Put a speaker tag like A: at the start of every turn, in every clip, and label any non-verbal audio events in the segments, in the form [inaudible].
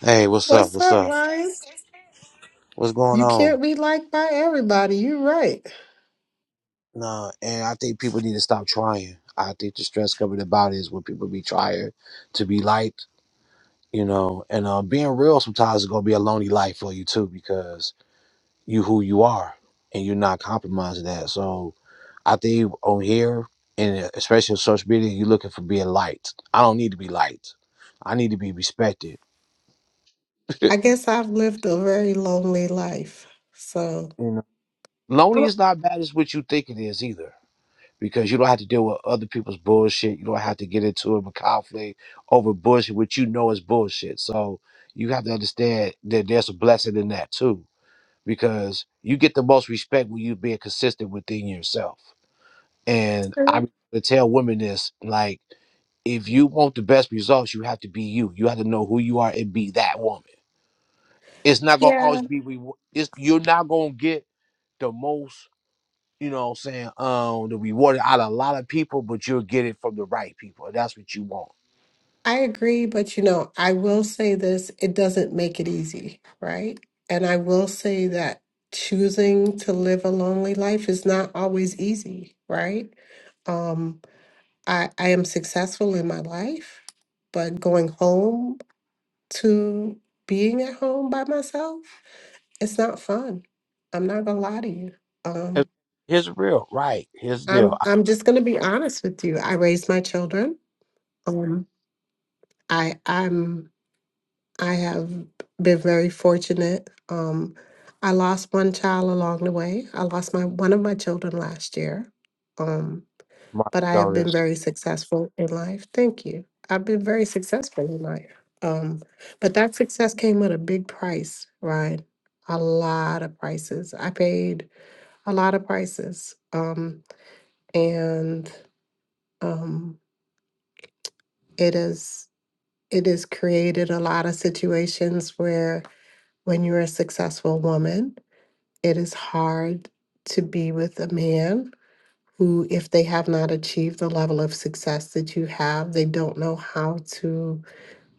A: Hey, what's up?
B: What's
A: What's
B: up,
A: up?
B: Ryan?
A: What's going
B: You
A: on?
B: can't be liked by everybody. You're right.
A: Nah, and I think people need to stop trying. I think the stress coming about is when people be trying to be liked, you know, and uh, being real sometimes is gonna be a lonely life for you too because you who you are and you're not compromising that. So I think on here and uh, especially on social media, you're looking for being liked. I don't need to be liked. I need to be respected.
B: I
A: [laughs]
B: guess I've lived a very lonely life. So,
A: You know, lonely
B: I'm
A: is not bad as what you think it is either. because you don't have to deal with other people's bullshit. You don't have to get into a conflict over bullshit, which you know is bullshit. So you have to understand that there's a blessing in that too, because you get the most respect when you being consistent within yourself. And I be
B: sure.
A: to tell women this, like, if you want the best results, you have to be you. You have to know who you are and be that woman. It's not gonna always
B: yeah,
A: be. rewa- It's you're not gonna get the most you know what I'm saying, um, the reward out of a lot of people, but you'll get it from the right people. And That's what you want.
B: I agree. But, you know, I will say this it doesn't make it easy, right? And I will say that choosing to live a lonely life is not always easy, right? Um, I, I am successful in my life, but going home to being at home by myself. It's not fun. I'm not gonna lie to you. Um,
A: It- Here's the real, right? Here's the deal.
B: I'm
A: I
B: I'm just gonna be honest with you. I raised my children. Um, I I'm I have been very fortunate. Um, I lost one child along the way. I lost my one of my children last year. Um,
A: my
B: but I have been
A: notice.
B: very successful in life. Thank you. I've been very successful in life. Um, but that success came with a big price, right? A lot of prices. I paid a lot of prices um, and um, it is it has created a lot of situations where when you're a successful woman it is hard to be with a man who if they have not achieved the level of success that you have they don't know how to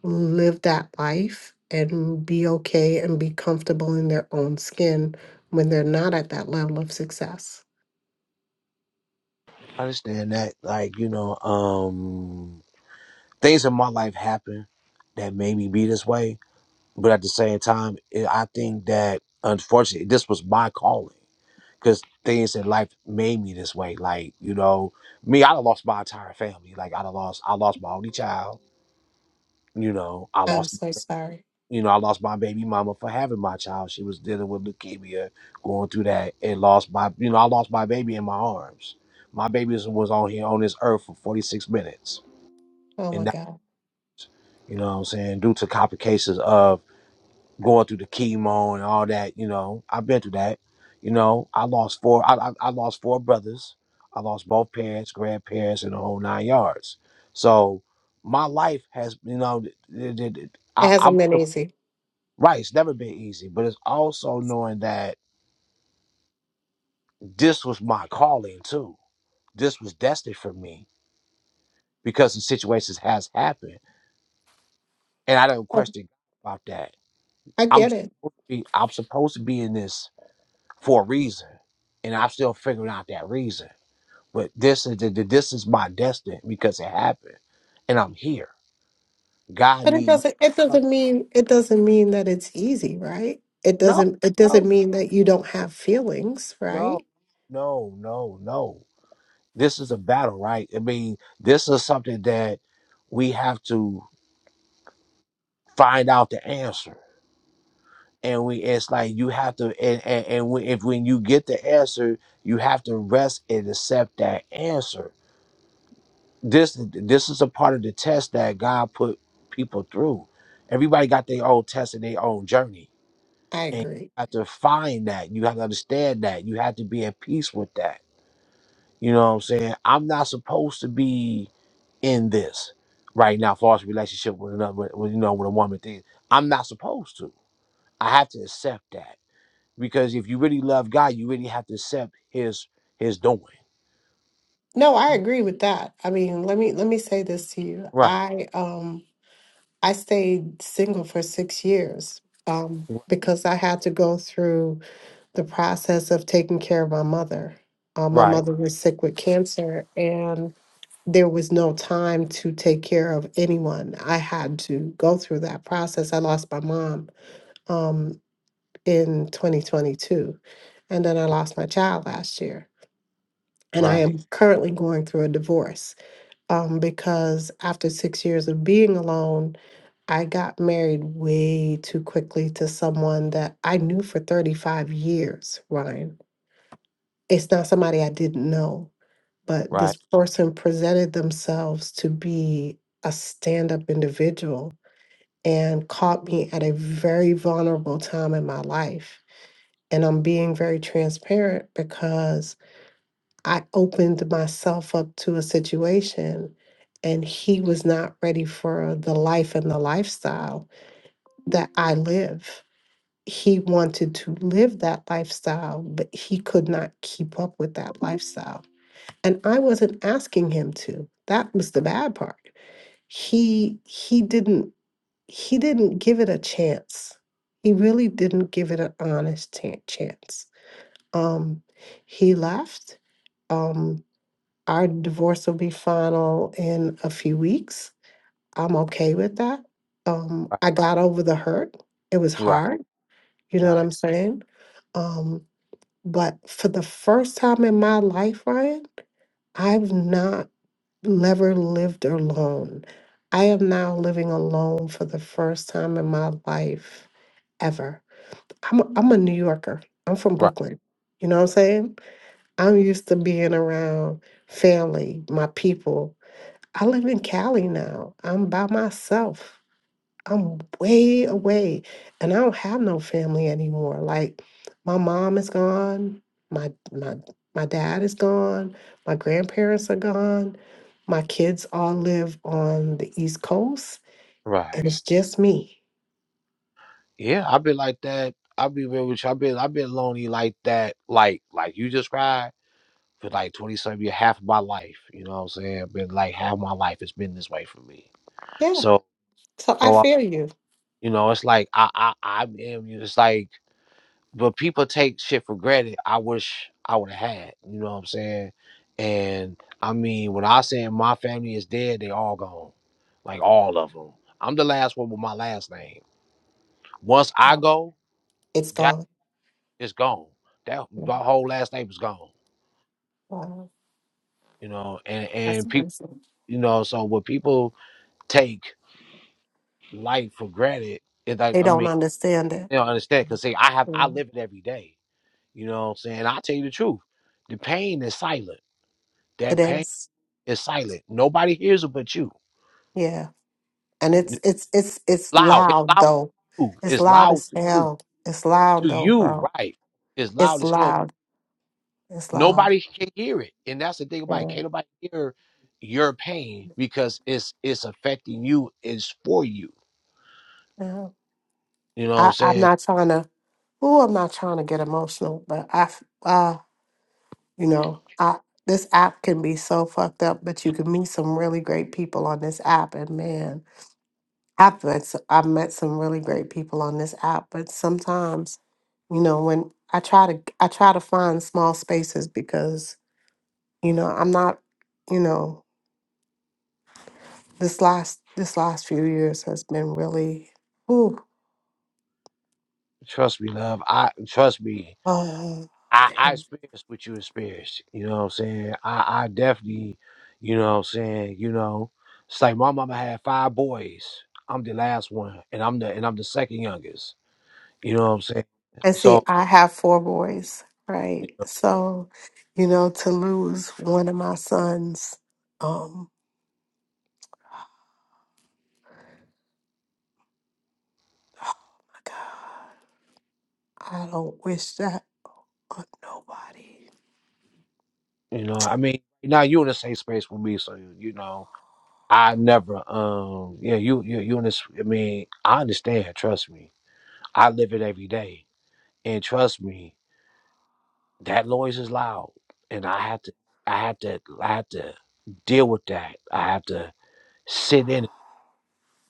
B: live that life and be okay and be comfortable in their own skin when they're not at that level of success
A: I understand that. Like, you know, um things in my life happen that made me be this way. But at the same time, it, I think that unfortunately, this was my calling because things in life made me this way. Like, you know, me, I'd have lost my entire family. Like, I'd have lost, I lost my only child. You know, I
B: i'm
A: lost,
B: so sorry
A: you know, I lost my baby mama for having my child. She was dealing with leukemia, going through that, and lost my, you know, I lost my baby in my arms. My baby was was on here on this earth for 46 minutes.
B: oh my
A: And that,
B: god
A: you know what I'm saying, due to complications of going through the chemo and all that. You know, I've been through that. You know, I lost four. I, I, I lost four brothers. I lost both parents, grandparents, and the whole nine yards. So my life has, you know, th- th- th- I,
B: it hasn't
A: I'm
B: been easy
A: right. It's never been easy, but it's also knowing that this was my calling too. This was destined for me because the situations has happened, and I don't
B: Oh,
A: question about that.
B: I
A: I'm
B: get it.
A: supposed to be, I'm supposed to be in this for a reason, and I'm still figuring out that reason. But this is th- th- this is my destiny because it happened, and I'm here. God
B: But it
A: need me.
B: doesn't it doesn't mean it doesn't mean that it's easy, right? It
A: No,
B: doesn't it
A: no,
B: doesn't mean that you don't have feelings,
A: no,
B: right?
A: no, no, no. This is a battle, right? I mean, this is something that we have to find out the answer. And we, it's like you have to, and and, and when, if when you get the answer, you have to rest and accept that answer this this is a part of the test that God put people through. Everybody got their own test and their own journey.
B: I
A: And you
B: agree.
A: have to find that. You have to understand that. You have to be at peace with that. You know what I'm saying? I'm not supposed to be in this right now, false relationship with another with, with, you know with a woman thing. I'm not supposed to. I have to accept that. Because if you really love God, you really have to accept his his doing.
B: No, I agree with that. I mean, let me let me say this to you.
A: Right.
B: I um I stayed single for 6 years um because I had to go through the process of taking care of my mother. Uh, my
A: Right.
B: mother was sick with cancer and. there was no time to take care of anyone. I had to go through that process. I lost my mom um, in 2022, and then I lost my child last year. And I
A: Right.
B: am currently going through a divorce um, because after six years of being alone, I got married way too quickly to someone that I knew for 35 years, Ryan. It's not somebody I didn't know but this
A: Right.
B: person presented themselves to be a stand up individual and caught me at a very vulnerable time in my life. And I'm being very transparent because I opened myself up to a situation and he was not ready for the life and the lifestyle that I live. He wanted to live that lifestyle, but he could not keep up with that lifestyle and I wasn't asking him to. That was the bad part. He he didn't he didn't give it a chance. He really didn't give it an honest ta- chance. Um, he left. Um, our divorce will be final in a few weeks. I'm okay with that. Um,
A: Right.
B: I got over the hurt. It was hard. You know what
A: Right.
B: I'm saying? Um, but for the first time in my life, Ryan, I've not never lived alone. I am now living alone for the first time in my life ever. I'm a, I'm a New Yorker. I'm from
A: Right.
B: Brooklyn. You know what I'm saying? I'm used to being around family, my people. I live in Cali now. I'm by myself. I'm way away and I don't have no family anymore. Like my mom is gone, my my my dad is gone, my grandparents are gone. My kids all live on the East Coast
A: Right.
B: and it's just me.
A: Yeah, I've been like that. I'll be real with you. I've been I've been lonely like that, like like you described for like twenty something years, half of my life. You know what I'm saying? Been like half my life it's been this way for me.
B: Yeah,
A: So
B: so I
A: so I,
B: feel you.
A: you know, it's like I I I am you it's like but people take shit for granted. I wish I would have had, you know what I'm saying? And I mean, when I say my family is dead, they all gone. Like all of them. I'm the last one with my last name. Once I
B: Wow.
A: go,
B: It's gone.
A: It's gone. That
B: Yeah,
A: the whole last name is gone.
B: Wow.
A: You know, and
B: That's
A: and people,
B: crazy.
A: you know, so when people take life for granted, it's like
B: They
A: I
B: don't
A: mean,
B: understand it.
A: they don't understand. Cause see, I have I
B: Yeah.
A: live it every day. You know what I'm saying? I tell you the truth, the pain is silent.
B: It
A: That pain
B: is.
A: is silent. Nobody hears it but you.
B: Yeah. And it's
A: It's
B: it's it's it's
A: loud. It's
B: loud
A: loud to
B: though.
A: you.
B: It's
A: It's
B: loud
A: loud
B: as
A: to you.
B: hell. It's loud
A: To
B: though,
A: you,
B: bro.
A: right? It's loud
B: It's
A: as hell
B: loud. It's loud.
A: nobody can hear it and that's the thing about it
B: Yeah.
A: can't nobody hear your pain because it's it's affecting you it's for you
B: yeah.
A: you know what i'm
B: I, I'm
A: saying
B: not trying to. Ooh, I'm not trying to get emotional, but I, f- uh, you know, I this app can be so fucked up, but you can meet some really great people on this app. And man, I've met s- I've met some really great people on this app, but sometimes, you know, when I try to I try to find small spaces because you know I'm not, you know, this last this last few years has been really, ooh,
A: trust me love i trust me i
B: uh,
A: i experienced what you experienced you know what i'm saying i i definitely you know what i'm saying you know it's like my mama had five boys i'm the last one and i'm the and i'm the second youngest you know what i'm saying
B: And see,
A: so
B: I have four boys, right? So, you know, to lose one of my sons, um, my God, I don't wish that on nobody
A: you know i mean now you in the same space with me so you know I never um yeah, you you you in this I mean, I understand, trust me. I live it every day. And trust me, that noise is loud. And I have to I have to I have to deal with that. I have to sit in it.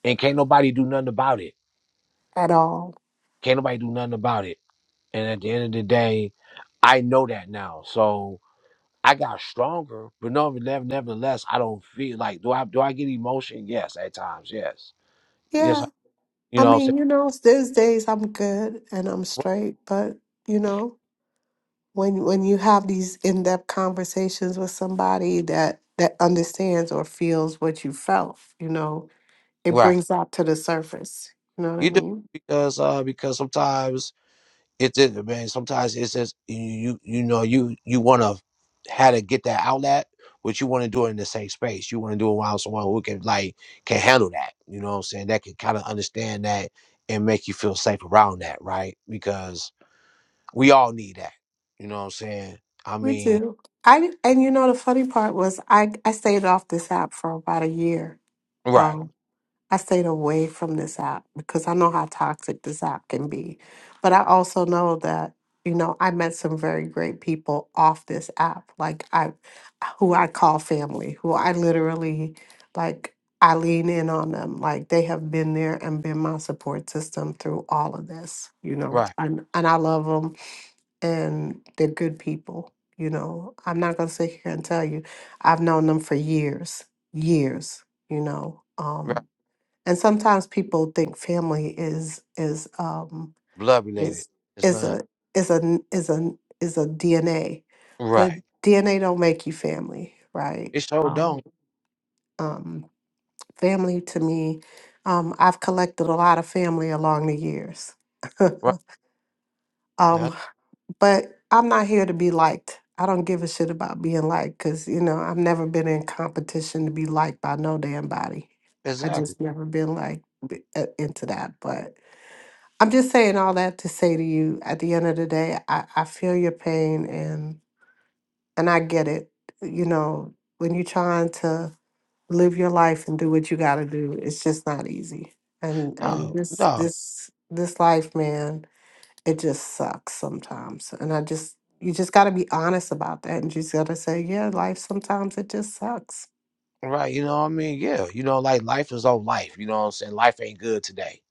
A: And can't nobody do nothing about it.
B: at all.
A: Can't nobody do nothing about it. And at the end of the day, I know that now. So I got stronger, but no, never, nevertheless, I don't feel like do I do I get emotion? Yes, at times, yes. Yes,
B: Yeah,
A: I, you
B: I
A: know what
B: mean, you know, there's days I'm good and I'm
A: I'm saying?
B: straight, but you know, when when you have these in-depth conversations with somebody that that understands or feels what you felt, you know, it
A: Right.
B: brings out to the surface. You know what I
A: You do
B: mean?
A: because uh because sometimes it's it man. Sometimes it's just you you know you you want to how to get that outlet, but you want to do it in the same space. You want to do it around someone who can like can handle that. You know what I'm saying? That can kind of understand that and make you feel safe around that, right? Because we all need that. You know what I'm saying? I
B: We
A: mean,
B: do. I and you know the funny part was I I stayed off this app for about a year.
A: right,
B: Um, I stayed away from this app because I know how toxic this app can be. But I also know that you know I met some very great people off this app, like I who I call family, who I literally like I lean in on them. Like they have been there and been my support system through all of this, you know.
A: right,
B: And and I love them and they're good people. You know, I'm not gonna sit here and tell you I've known them for years, years. You know,
A: right.
B: um, and sometimes people think family is is um,
A: Blood related.
B: is
A: It's
B: is
A: not
B: a is a n- is a n- is a DNA, but
A: right.
B: DNA don't make you family, right?
A: It sure
B: Um,
A: don't.
B: um, family to me, um, I've collected a lot of family along the years.
A: Right. Uh,
B: [laughs] But I'm not here to be liked. I don't give a shit about being liked because, you know, I've never been in competition to be liked by no damn body. I
A: Exactly.
B: just never been like b- uh, into that. But I'm just saying all that to say to you at the end of the day, I, I feel your pain and and I get it. You know, when you're trying to live your life and do what you gotta do, it's just not easy. And and
A: No,
B: this
A: no.
B: this this life, man, it just sucks sometimes. And I just, you just got to be honest about that. And you just got to say, yeah, life sometimes it just sucks.
A: Right, you know what I mean? Yeah, you know, like life is on life, you know what I'm saying? Life ain't good today.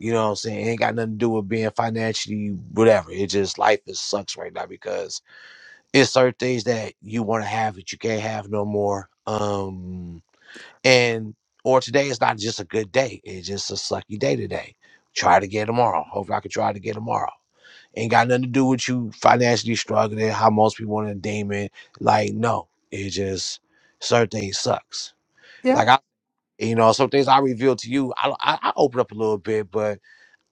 A: You know what I'm saying? It ain't got nothing to do with being financially whatever. It just life is sucks right now because it's certain things that you want to have that you can't have no more. Um and or today is not just a good day. It's just a sucky day today. Try it again tomorrow. Hopefully I can try it again tomorrow. Ain't got nothing to do with you financially struggling, how most people want to deem it. Like, no. It just certain things sucks.
B: Yeah.
A: Like and, you know some things i reveal to you i i, I open up a little bit but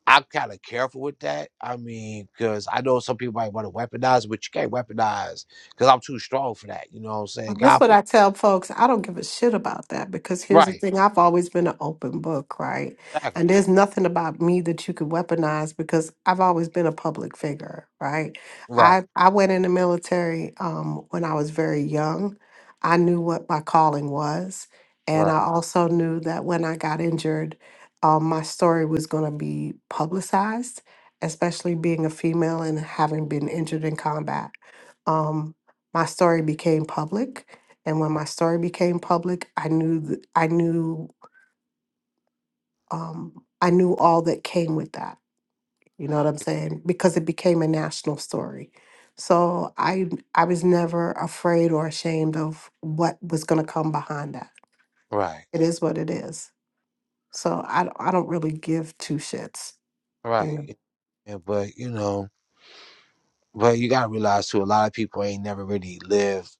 A: i'm kind of careful with that i mean because i know some people might want to weaponize it, but you can't weaponize because i'm too strong for that you know what i'm saying
B: Well, This
A: god
B: is what
A: for
B: I tell folks. I don't give a shit about that because here's the
A: right
B: thing. I've always been an open book, right?
A: exactly.
B: And there's nothing about me that you could weaponize because I've always been a public figure, right? I
A: right
B: I went in the military um, when I was very young. I knew what my calling was, and I
A: right
B: also knew that when I got injured, um, my story was going to be publicized, especially being a female and having been injured in combat. Um, my story became public and when my story became public i knew th- i knew um, i knew all that came with that you know what i'm saying because it became a national story so i i was never afraid or ashamed of what was going to come behind that
A: right
B: it is what it is so i, don't- I don't really give two shits you
A: right
B: know
A: yeah, but you know but you gotta realize too a lot of people ain't never really lived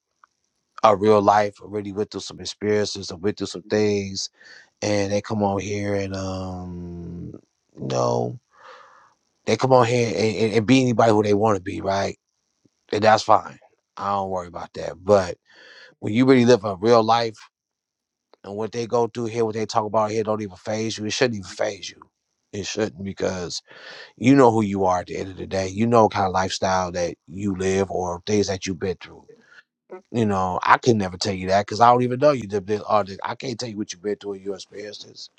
A: a real life or really went through some experiences or went through some things and they come on here and um no. They come on here and, and, and be anybody who they want to be, right? And that's fine. I don't worry about that. But when you really live a real life and what they go through here, what they talk about here, don't even phase you. It shouldn't even phase you. It shouldn't because you know who you are at the end of the day. You know kind of lifestyle that you live or things that you've been through. You know, I could never tell you that because I don't even know you. did this or that. I can't tell you what you've been through in your experiences.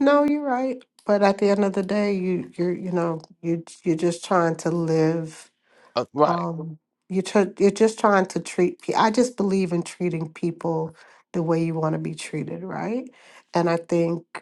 B: No, you're right. But at the end of the day, you you're you know you you're just trying to live.
A: Uh, right,
B: Um, you tr- you're just trying to treat. pe- I just believe in treating people the way you want to be treated, right? And I think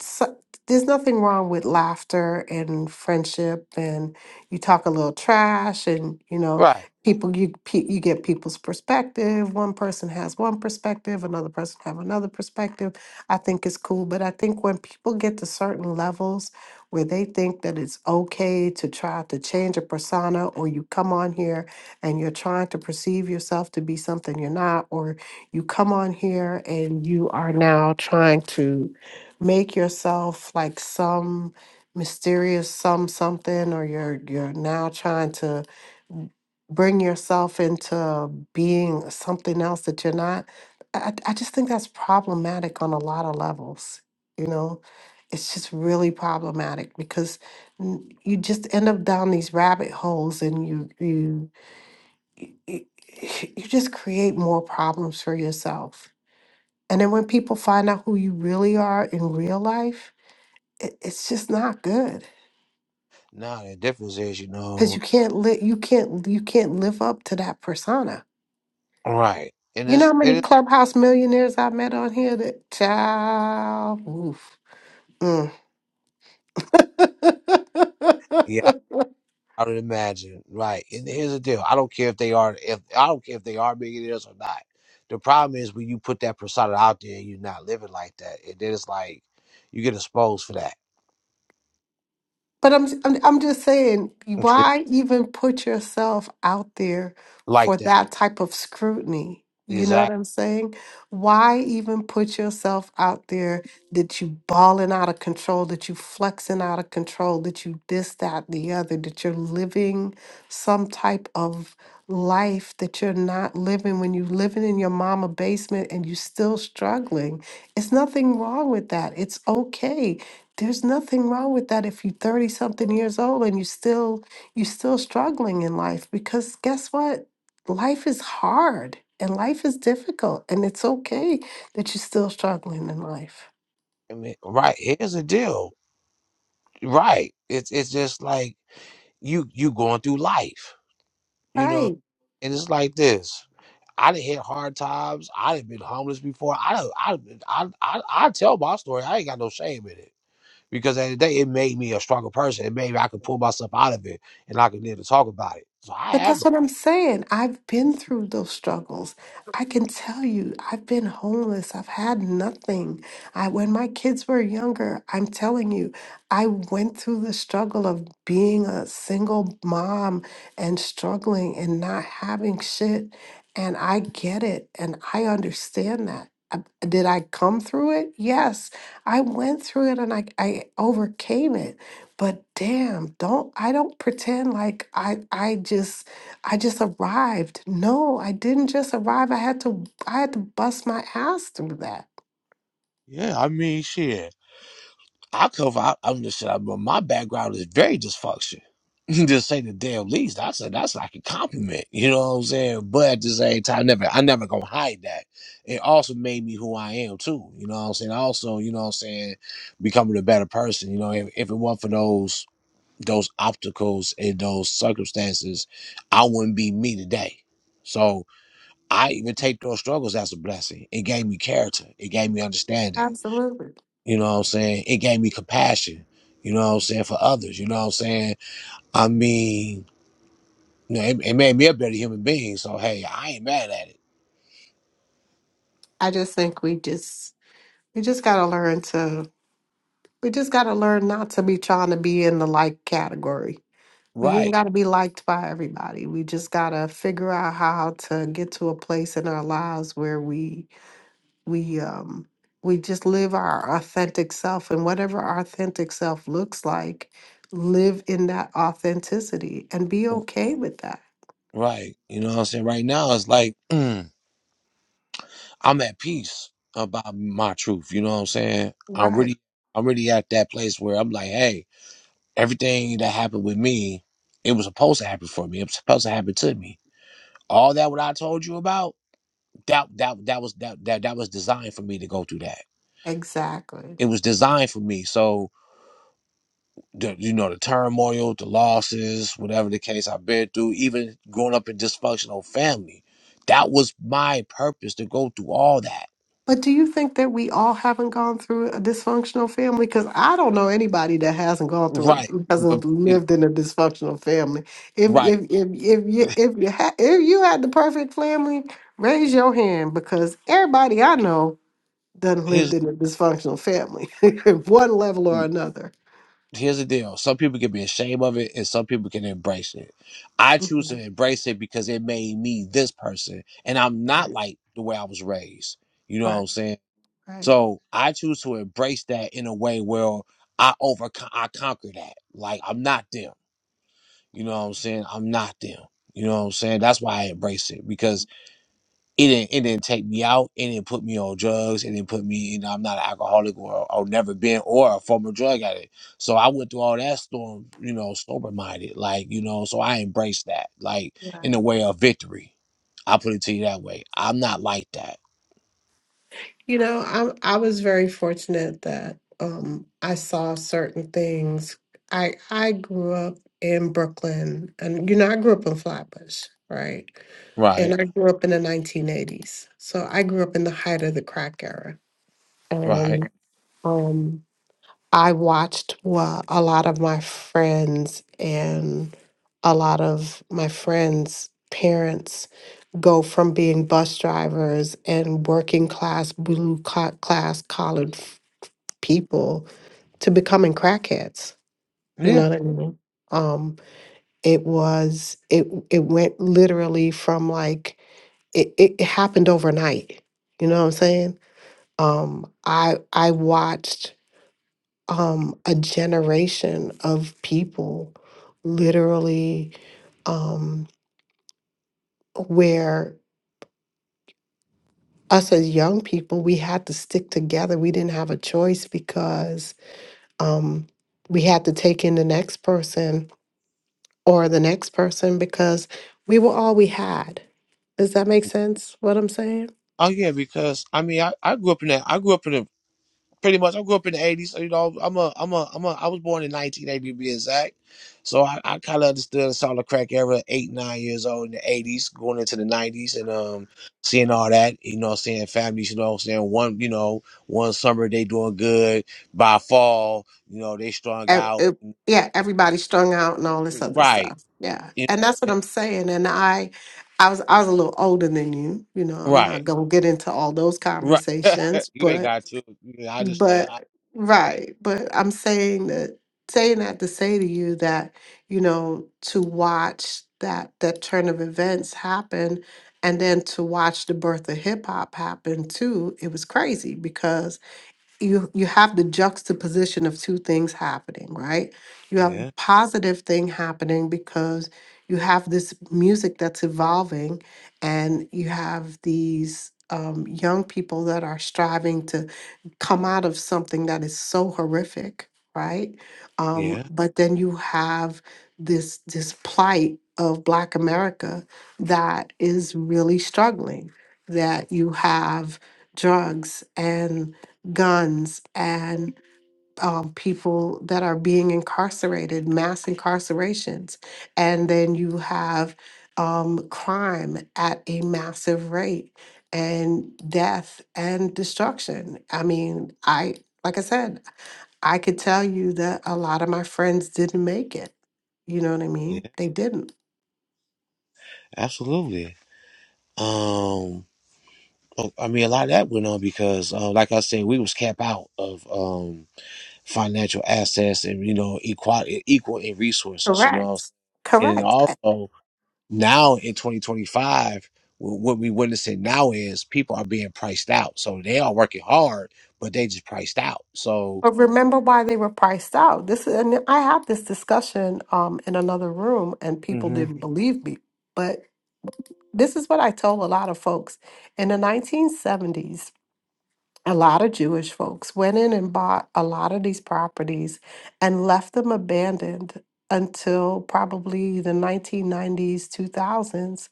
B: so, there's nothing wrong with laughter and friendship and you talk a little trash and you know
A: right.
B: people you pe- you get people's perspective one person has one perspective another person have another perspective i think it's cool but i think when people get to certain levels where they think that it's okay to try to change a persona or you come on here and you're trying to perceive yourself to be something you're not or you come on here and you are now trying to make yourself like some mysterious some something or you're you're now trying to bring yourself into being something else that you're not I, I just think that's problematic on a lot of levels you know it's just really problematic because n- you just end up down these rabbit holes and you you you [laughs] you just create more problems for yourself and then when people find out who you really are in real life it, it's just not good
A: Now the difference is, you
B: because
A: know,
B: you can't li- you can't you can't live up to that persona.
A: right. And
B: You know how
A: it's
B: many
A: it is.
B: clubhouse millionaires I've met on here that child oof. Mm.
A: yeah.
B: [laughs]
A: I would imagine, right? And here's the deal: I don't care if they are, if I don't care if they are millionaires or not. The problem is when you put that persona out there and you're not living like that, and then it's like you get exposed for that,
B: But I'm, I'm I'm just saying,
A: [laughs]
B: why even put yourself out there for
A: like that.
B: that type of scrutiny? You know what
A: Exactly.
B: I'm saying? Why even put yourself out there that you balling out of control, that you flexing out of control, that you this, that, and the other, that you're living some type of life that you're not living when you are living in your mama basement and you still struggling. It's nothing wrong with that. It's okay there's nothing wrong with that if you're 30 something years old and you still you're still struggling in life because guess what life is hard and life is difficult and it's okay that you're still struggling in life
A: I mean, right? Here's the deal: right? It's it's just like you you going through life, you
B: right?
A: know, and it's like this. I done hit hard times. I done been homeless before. I done, I, done- I I I tell my story. I ain't got no shame in it because at the end of the day it made me a stronger person. It made me I could pull myself out of it and I could live to talk about it. So I
B: But
A: have
B: that's
A: no.
B: what I'm saying. I've been through those struggles. I can tell you, I've been homeless. I've had nothing. I when my kids were younger, I'm telling you, I went through the struggle of being a single mom and struggling and not having shit. And I get it and I understand that. I- Did I come through it? Yes. I went through it and I, I overcame it but damn don't i don't pretend like i i just i just arrived no i didn't just arrive i had to i had to bust my ass through that
A: Yeah, I mean shit. I come from I, I'm just I, my background is very dysfunction. [laughs] just say the damn least. I said that's like a compliment. You know what I'm saying? But at the same time, I never I never gonna hide that. It also made me who I am too. You know what I'm saying? Also, you know what I'm saying, becoming a better person. You know, if, if it weren't for those those obstacles and those circumstances, I wouldn't be me today. So I even take those struggles as a blessing. It gave me character. It gave me understanding.
B: absolutely
A: You know what I'm saying? It gave me compassion. You know what I'm saying? For others. You know what I'm saying? I mean, you know, it, it made me a better human being. So hey, I ain't mad at it.
B: i just think we just we just got to learn to We just got to learn not to be trying to be in the like category. We ain't
A: Right.
B: got to be liked by everybody. We just got to figure out how to get to a place in our lives where we we um we just live our authentic self and whatever our authentic self looks like, live in that authenticity and be okay with that.
A: Right. You know what I'm saying? Right now it's like mm, I'm at peace about my truth. You know what I'm saying? I'm
B: Right.
A: really I'm really at that place where I'm like, hey, everything that happened with me, it was supposed to happen for me. It was supposed to happen to me. All that what I told you about, that that that was that that, that was designed for me to go through that.
B: Exactly.
A: It was designed for me. So the you know, the turmoil, the losses, whatever the case I've been through, even growing up in dysfunctional family, that was my purpose to go through all that.
B: But do you think that we all haven't gone through a dysfunctional family? Because I don't know anybody that hasn't gone through it,
A: Right. But- but
B: hasn't
A: see,
B: lived in a dysfunctional family. If if
A: Right.
B: if if you if you ha- if you had the perfect family, raise your hand because everybody I know done lived
A: His
B: in a dysfunctional family, [laughs] one level or another.
A: here's the deal some people can be ashamed of it and some people can embrace it i choose to
B: Mhm.
A: embrace it because it made me this person and i'm not
B: Right,
A: like the way i was raised you know what
B: right,
A: i'm saying so i choose to embrace that in a way where i overcome i conquer that like i'm not them you know what i'm saying i'm not them you know what i'm saying that's why i embrace it because it didn't it didn't take me out. It didn't put me on drugs. It didn't put me. You know, I'm not an alcoholic or or never been or a former drug addict. So I went through all that storm. You know, sober minded. Like you know, so I embraced that. Like
B: right.
A: in the way of victory, I put it to you that way. I'm not like that.
B: You know, I I was very fortunate that um, I saw certain things. I I grew up in Brooklyn, and you know, I grew up in Flatbush, right? And
A: Right.
B: I grew up in the 1980s, so I grew up in the height of the crack era,
A: Right.
B: and um, I watched what a lot of my friends and a lot of my friends' parents go from being bus drivers and working class, blue co- class collared f- people to becoming crackheads. You
A: Yeah.
B: know what I mean? Um, it was it it went literally from like it, it it happened overnight. You know what I'm saying? Um, I I watched um, a generation of people literally um, where us as young people we had to stick together we didn't have a choice because um, we had to take in the next person or the next person because we were all we had does that make sense what i'm saying
A: Oh yeah. Because I mean, I, I grew up in that. I grew up in a pretty much. I grew up in the '80s, so you know, I'm a, I'm a, I'm a, I was born in 1980 to be exact. So I, I kind of understood and saw the crack era eight, nine years old in the '80s, going into the '90s, and um, seeing all that. You know, seeing families. You know, saying one, you know, one summer they doing good. By fall, you know, they strung
B: ev-
A: out.
B: ev- yeah,
A: It-
B: everybody strung out and all this
A: it-
B: other
A: Right.
B: stuff. Yeah,
A: You
B: and that's what
A: know,
B: I'm saying. And I, I was I was a little older than you. You know, I'm
A: right.
B: not gonna get into all those
A: Right.
B: conversations,
A: [laughs] you ain't
B: but
A: got to. You know, I understand. I,
B: but
A: right.
B: right. But I'm saying that saying that to say to you that you know to watch that that turn of events happen and then to watch the birth of hip hop happen too it was crazy because you you have the juxtaposition of two things happening right you have a
A: Yeah.
B: positive thing happening because you have this music that's evolving and you have these um, young people that are striving to come out of something that is so horrific right um,
A: Yeah.
B: but then you have this this plight of black america that is really struggling that you have drugs and guns and um, people that are being incarcerated, mass incarcerations. And then you have um, crime at a massive rate and death and destruction. I mean, I, like I said, I could tell you that a lot of my friends didn't make it. You know what I
A: Yeah.
B: mean? They didn't.
A: Absolutely. Um. Well, I mean, a lot of that went on because, uh, like I said, we was capped out of um, financial assets and you know equal equal in resources, you know,
B: Correct.
A: and then
B: Correct.
A: also now in 2025, what we witnessing now is people are being priced out, so they are working hard, but they just priced out. So,
B: But remember why they were priced out. This is, and I had this discussion um, in another room, and people
A: hmm
B: didn't believe me. But this is what I told a lot of folks in the 1970s a lot of Jewish folks went in and bought a lot of these properties and left them abandoned until probably the 1990s, 2000s.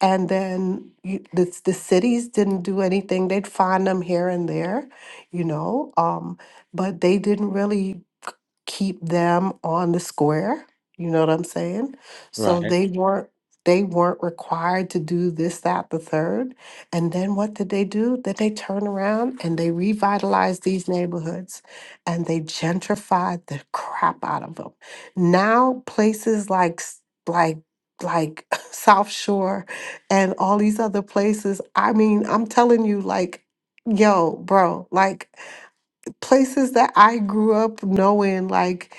B: And then you, the, the cities didn't do anything. They'd find them here and there, you know, um, but they didn't really k- keep them on the square. You know what I'm saying? So
A: right,
B: they weren't they weren't required to do this, that, the third and then what did they do? Then they turn around and they revitalized these neighborhoods and they gentrified the crap out of them. Now places like s- like like [laughs] South Shore and all these other places, I mean, I'm telling you like yo, bro, like places that I grew up knowing like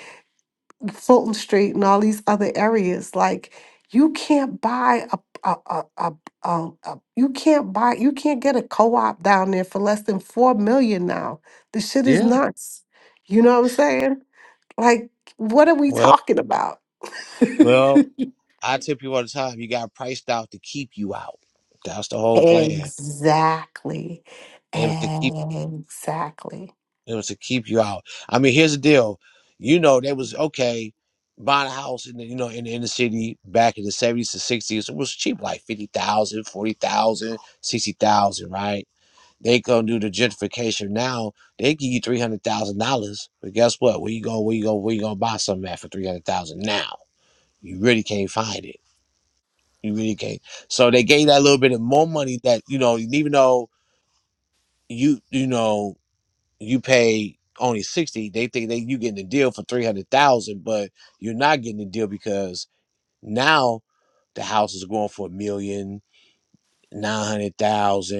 B: Fulton Street and all these other areas. Like you can't buy a a a, a, a, a you can't buy you can't get a co-op down there for less than four million now. The shit is
A: yeah,
B: nuts. You know what I'm saying? Like what are we
A: well,
B: talking about? [laughs]
A: well, I tell people all the time, you got priced out to keep you out. That's the whole plan.
B: exactly.
A: It was to keep
B: Exactly.
A: It was to keep you out. I mean, here's the deal. You know, they was okay buying a house in the, you know in in the city back in the 70s to 60s. It was cheap, like 50,000, 40,000, 60,000, right? They gonna do the gentrification now. They give you three hundred thousand dollars, but guess what? Where you go? Where you go? Where you gonna buy something at for three hundred thousand now? You really can't find it. You really can't. So they gave that little bit of more money that you know, even though you you know you pay only 60 they think that you getting a deal for 300,000 but you're not getting a deal because now the house is going for a million nine hundred thousand,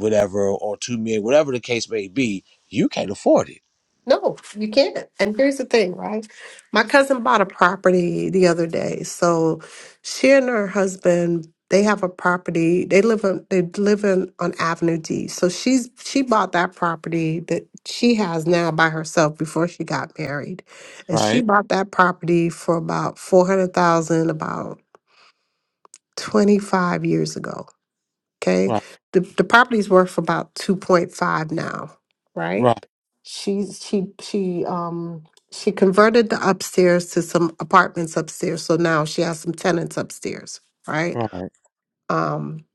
A: whatever or 2 million whatever the case may be you can't afford it
B: No, you can't. And here's the thing, right? My cousin bought a property the other day. So she and her husband, they have a property. They live on they live in on Avenue D. So she's she bought that property that she has now by herself before she got married. And she
A: Right,
B: bought that property for about four hundred thousand about twenty five years ago. Okay.
A: right,
B: The the property's worth about two point five now, right?
A: right,
B: She she she um she converted the upstairs to some apartments upstairs. So now she has some tenants upstairs, right?
A: right,
B: Um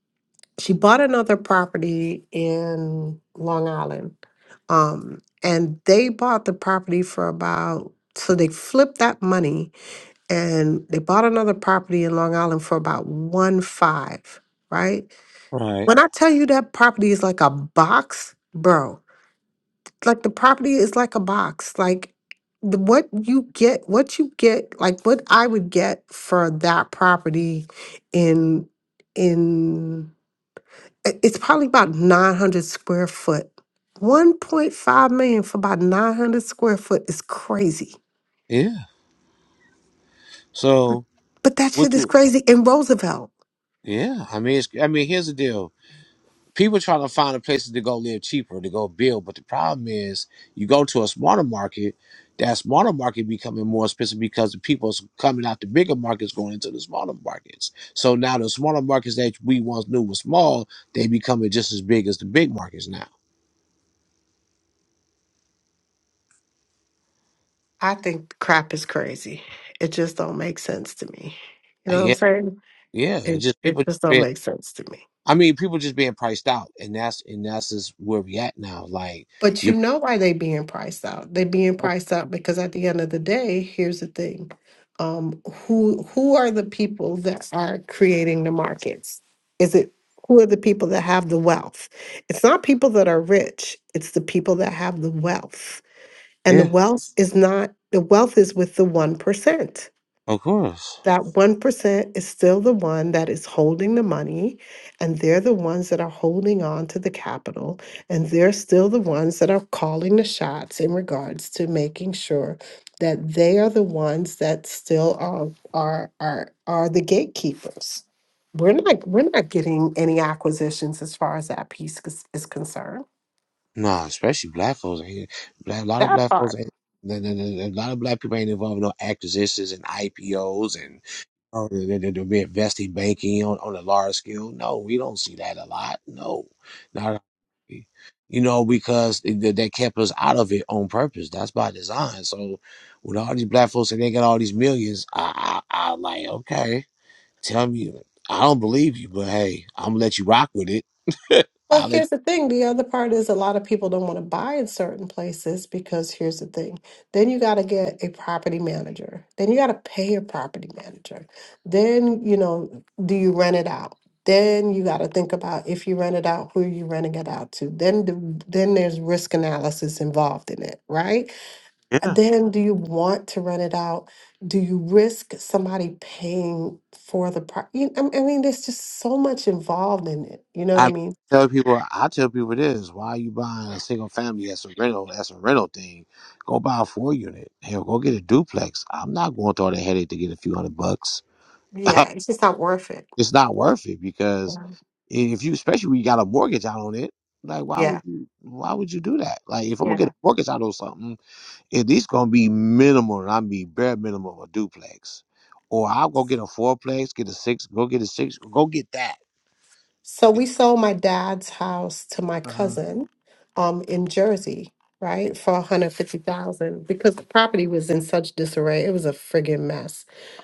B: she bought another property in Long Island. Um and they bought the property for about so they flipped that money and they bought another property in Long Island for about one five, right?
A: right.
B: When I tell you that property is like a box, bro, like the property is like a box. Like the, what you get, what you get, like what I would get for that property in in i- it's probably about 900 square foot. 1.5 million for about 900 square foot is crazy.
A: Yeah. So
B: But that
A: would
B: shit is
A: you?
B: crazy in Roosevelt.
A: Yeah. I mean, it's, I mean, here's the deal. people trying to find a places to go live cheaper to go build but the problem is you go to a smaller market that smaller market becoming more expensive because the people's coming out the bigger markets going into the smaller markets so now the smaller markets that we once knew was small they becoming just as big as the big markets now
B: I think crap is crazy. It just don't make sense to me. You know what I'm
A: yeah
B: saying?
A: yeah
B: It
A: it's just
B: it
A: people
B: just
A: just
B: don't
A: being
B: make sense to me.
A: i mean people just being priced out and that's and that's just where we at now like
B: But
A: you
B: you know why they being priced out? They being
A: oh,
B: priced out because at the end of the day, here's the thing. Um, who who are the people that are creating the markets? Is it who are the people that have the wealth? It's not people that are rich, it's the people that have the wealth. And the
A: yeah
B: wealth is not the wealth is with the one percent
A: of course
B: that 1% is still the one that is holding the money, and they're the ones that are holding on to the capital, and they're still the ones that are calling the shots in regards to making sure that they are the ones that still are are are, are the gatekeepers. We're not we're not getting any acquisitions as far as that piece is, is concerned.
A: Nah, especially black folks. Ain't, black, a lot of
B: That
A: black folks
B: part.
A: ain't. the- the- the- A lot of black people ain't involved in no acquisitions and IPOs and oh, they- they- they're investing banking on, on a large scale. No, we don't see that a lot. No, not at- you know because they, they they kept us out of it on purpose. That's by design. So with all these black folks and they got all these millions, I I, I like okay, tell me. I don't believe you, but hey, I'm gonna let you rock with it. [laughs]
B: Well,
A: I'll let
B: here's the thing. The other part is a lot of people don't want to buy in certain places because here's the thing. Then you got to get a property manager. Then you got to pay a property manager. Then, you know, do you rent it out? Then you got to think about if you rent it out, who you renting it out to. Then, the, then there's risk analysis involved in it, right?
A: you.
B: Then, do you want to rent it out? Do you risk somebody paying for the property? I I mean, there's just so much involved in it. You know what I
A: I
B: mean?
A: tell people, I tell people this: Why are you buying a single family? That's a rental. That's a rental thing. Go buy a four unit. Hell, go get a duplex. I'm not going through all the headache to get a few hundred bucks. [laughs]
B: Yeah, it's just not worth it.
A: it's not worth it because
B: Mhm.
A: if you, especially when you got a mortgage out on it, like why would
B: Yeah,
A: you? Why would you do that? Like if I'm gonna get
B: yeah.
A: a mortgage out on something, at least gonna be minimal. and I mean bare minimum a duplex, or I'll go get a fourplex, get a six, go get a six, go get that.
B: So we sold my dad's house to my
A: Uh-huh.
B: cousin um in Jersey, right? For 150,000 because the property was in such disarray. It was a friggin' mess.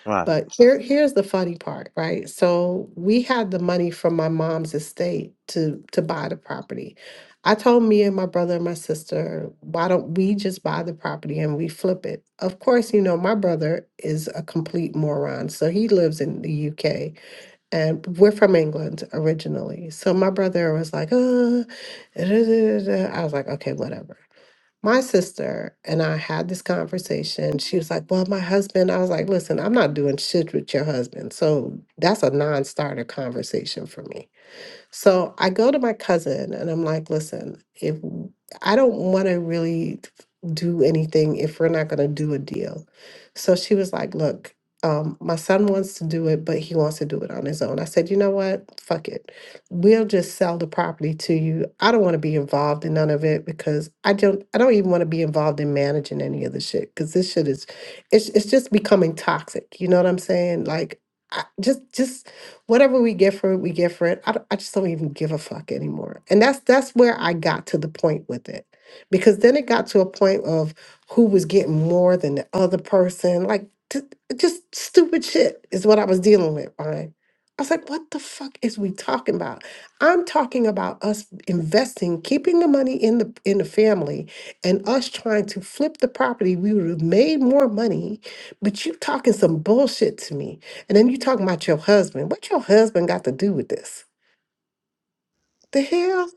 A: Right.
B: But here, here's the funny part, right? So we had the money from my mom's estate to to buy the property. I told me and my brother and my sister, why don't we just buy the property and we flip it? Of course, you know, my brother is a complete moron. So he lives in the UK and we're from England originally. So my brother was like, uh, da, da, da, da. I was like, okay, whatever. My sister and I had this conversation. She was like, Well, my husband, I was like, Listen, I'm not doing shit with your husband. So that's a non starter conversation for me. So I go to my cousin and I'm like, listen, if I don't want to really do anything if we're not going to do a deal. So she was like, look, um, my son wants to do it, but he wants to do it on his own. I said, you know what? Fuck it. We'll just sell the property to you. I don't want to be involved in none of it because I don't I don't even want to be involved in managing any of the shit because this shit is it's it's just becoming toxic. You know what I'm saying? Like I, just just whatever we get for it, we get for it. I, don't- I just don't even give a fuck anymore. And that's that's where I got to the point with it. Because then it got to a point of who was getting more than the other person. Like t- just stupid shit is what I was dealing with, right? I was like, what the fuck is we talking about? I'm talking about us investing, keeping the money in the in the family and us trying to flip the property. We would have made more money, but you talking some bullshit to me. And then you talking about your husband. What your husband got to do with this? The hell?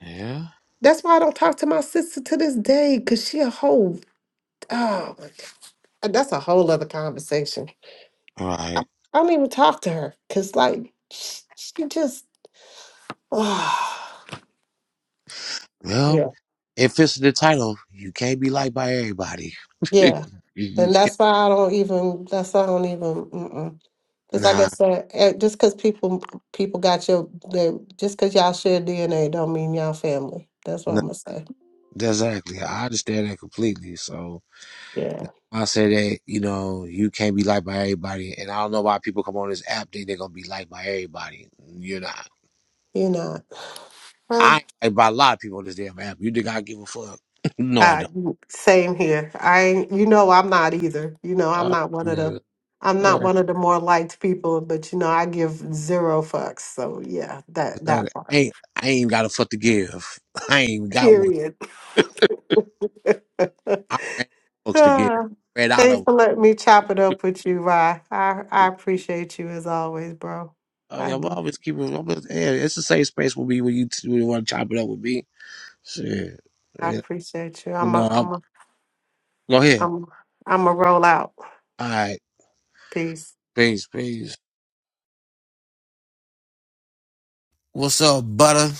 A: Yeah.
B: That's why I don't talk to my sister to this day, cause she a whole oh my God. that's a whole other conversation.
A: Right.
B: I, I don't even talk to her. Cause like she, she just [sighs] oh,
A: Well,
B: Yeah.
A: it fits the title. You can't be liked by everybody. [laughs] you
B: Yeah.
A: you
B: And
A: just can't.
B: that's why I don't even that's why I don't even mm-mm. Cause like I
A: Nah,
B: said, eh, just cause people people got your they, just cause y'all share DNA don't mean y'all family. That's what
A: nah.
B: I'm gonna say.
A: Exactly. I understand that completely. So
B: Yeah.
A: that's why I say that, you know, you can't be liked by everybody. And I don't know why people come on this app think they're going to be liked by everybody. You're not.
B: You're not.
A: I
B: Well.
A: ain't liked by a lot of people on this damn app. You think I give a fuck? [laughs] no, I
B: I,
A: don't.
B: same here. I, ain't- you know, I'm not either. You know, I'm
A: Uh,
B: not one of
A: yeah.
B: the, I'm not
A: Uh,
B: one of the more liked people. But you know, I give zero fucks. So yeah, that
A: it's not-
B: that
A: I
B: part.
A: ain't, I ain't got a fuck to give. [laughs] I ain't even got one.
B: Period. [laughs]
A: I ran out of fucks to give.
B: Ah,
A: I ran out of
B: Thanks
A: 'em.
B: for letting me chop it up with you, Rye. I I appreciate you as always, bro.
A: Oh
B: I
A: yeah, we
B: do.
A: always keep it. Always, yeah, it's the same space with me when you t- when you want to chop it up with me. Shit,
B: I
A: Yeah,
B: appreciate you.
A: you
B: I'm a
A: know. I'm,
B: I'm a
A: go ahead.
B: I'm I'm a roll out.
A: All right,
B: Peace.
A: peace, peace. What's up, butter?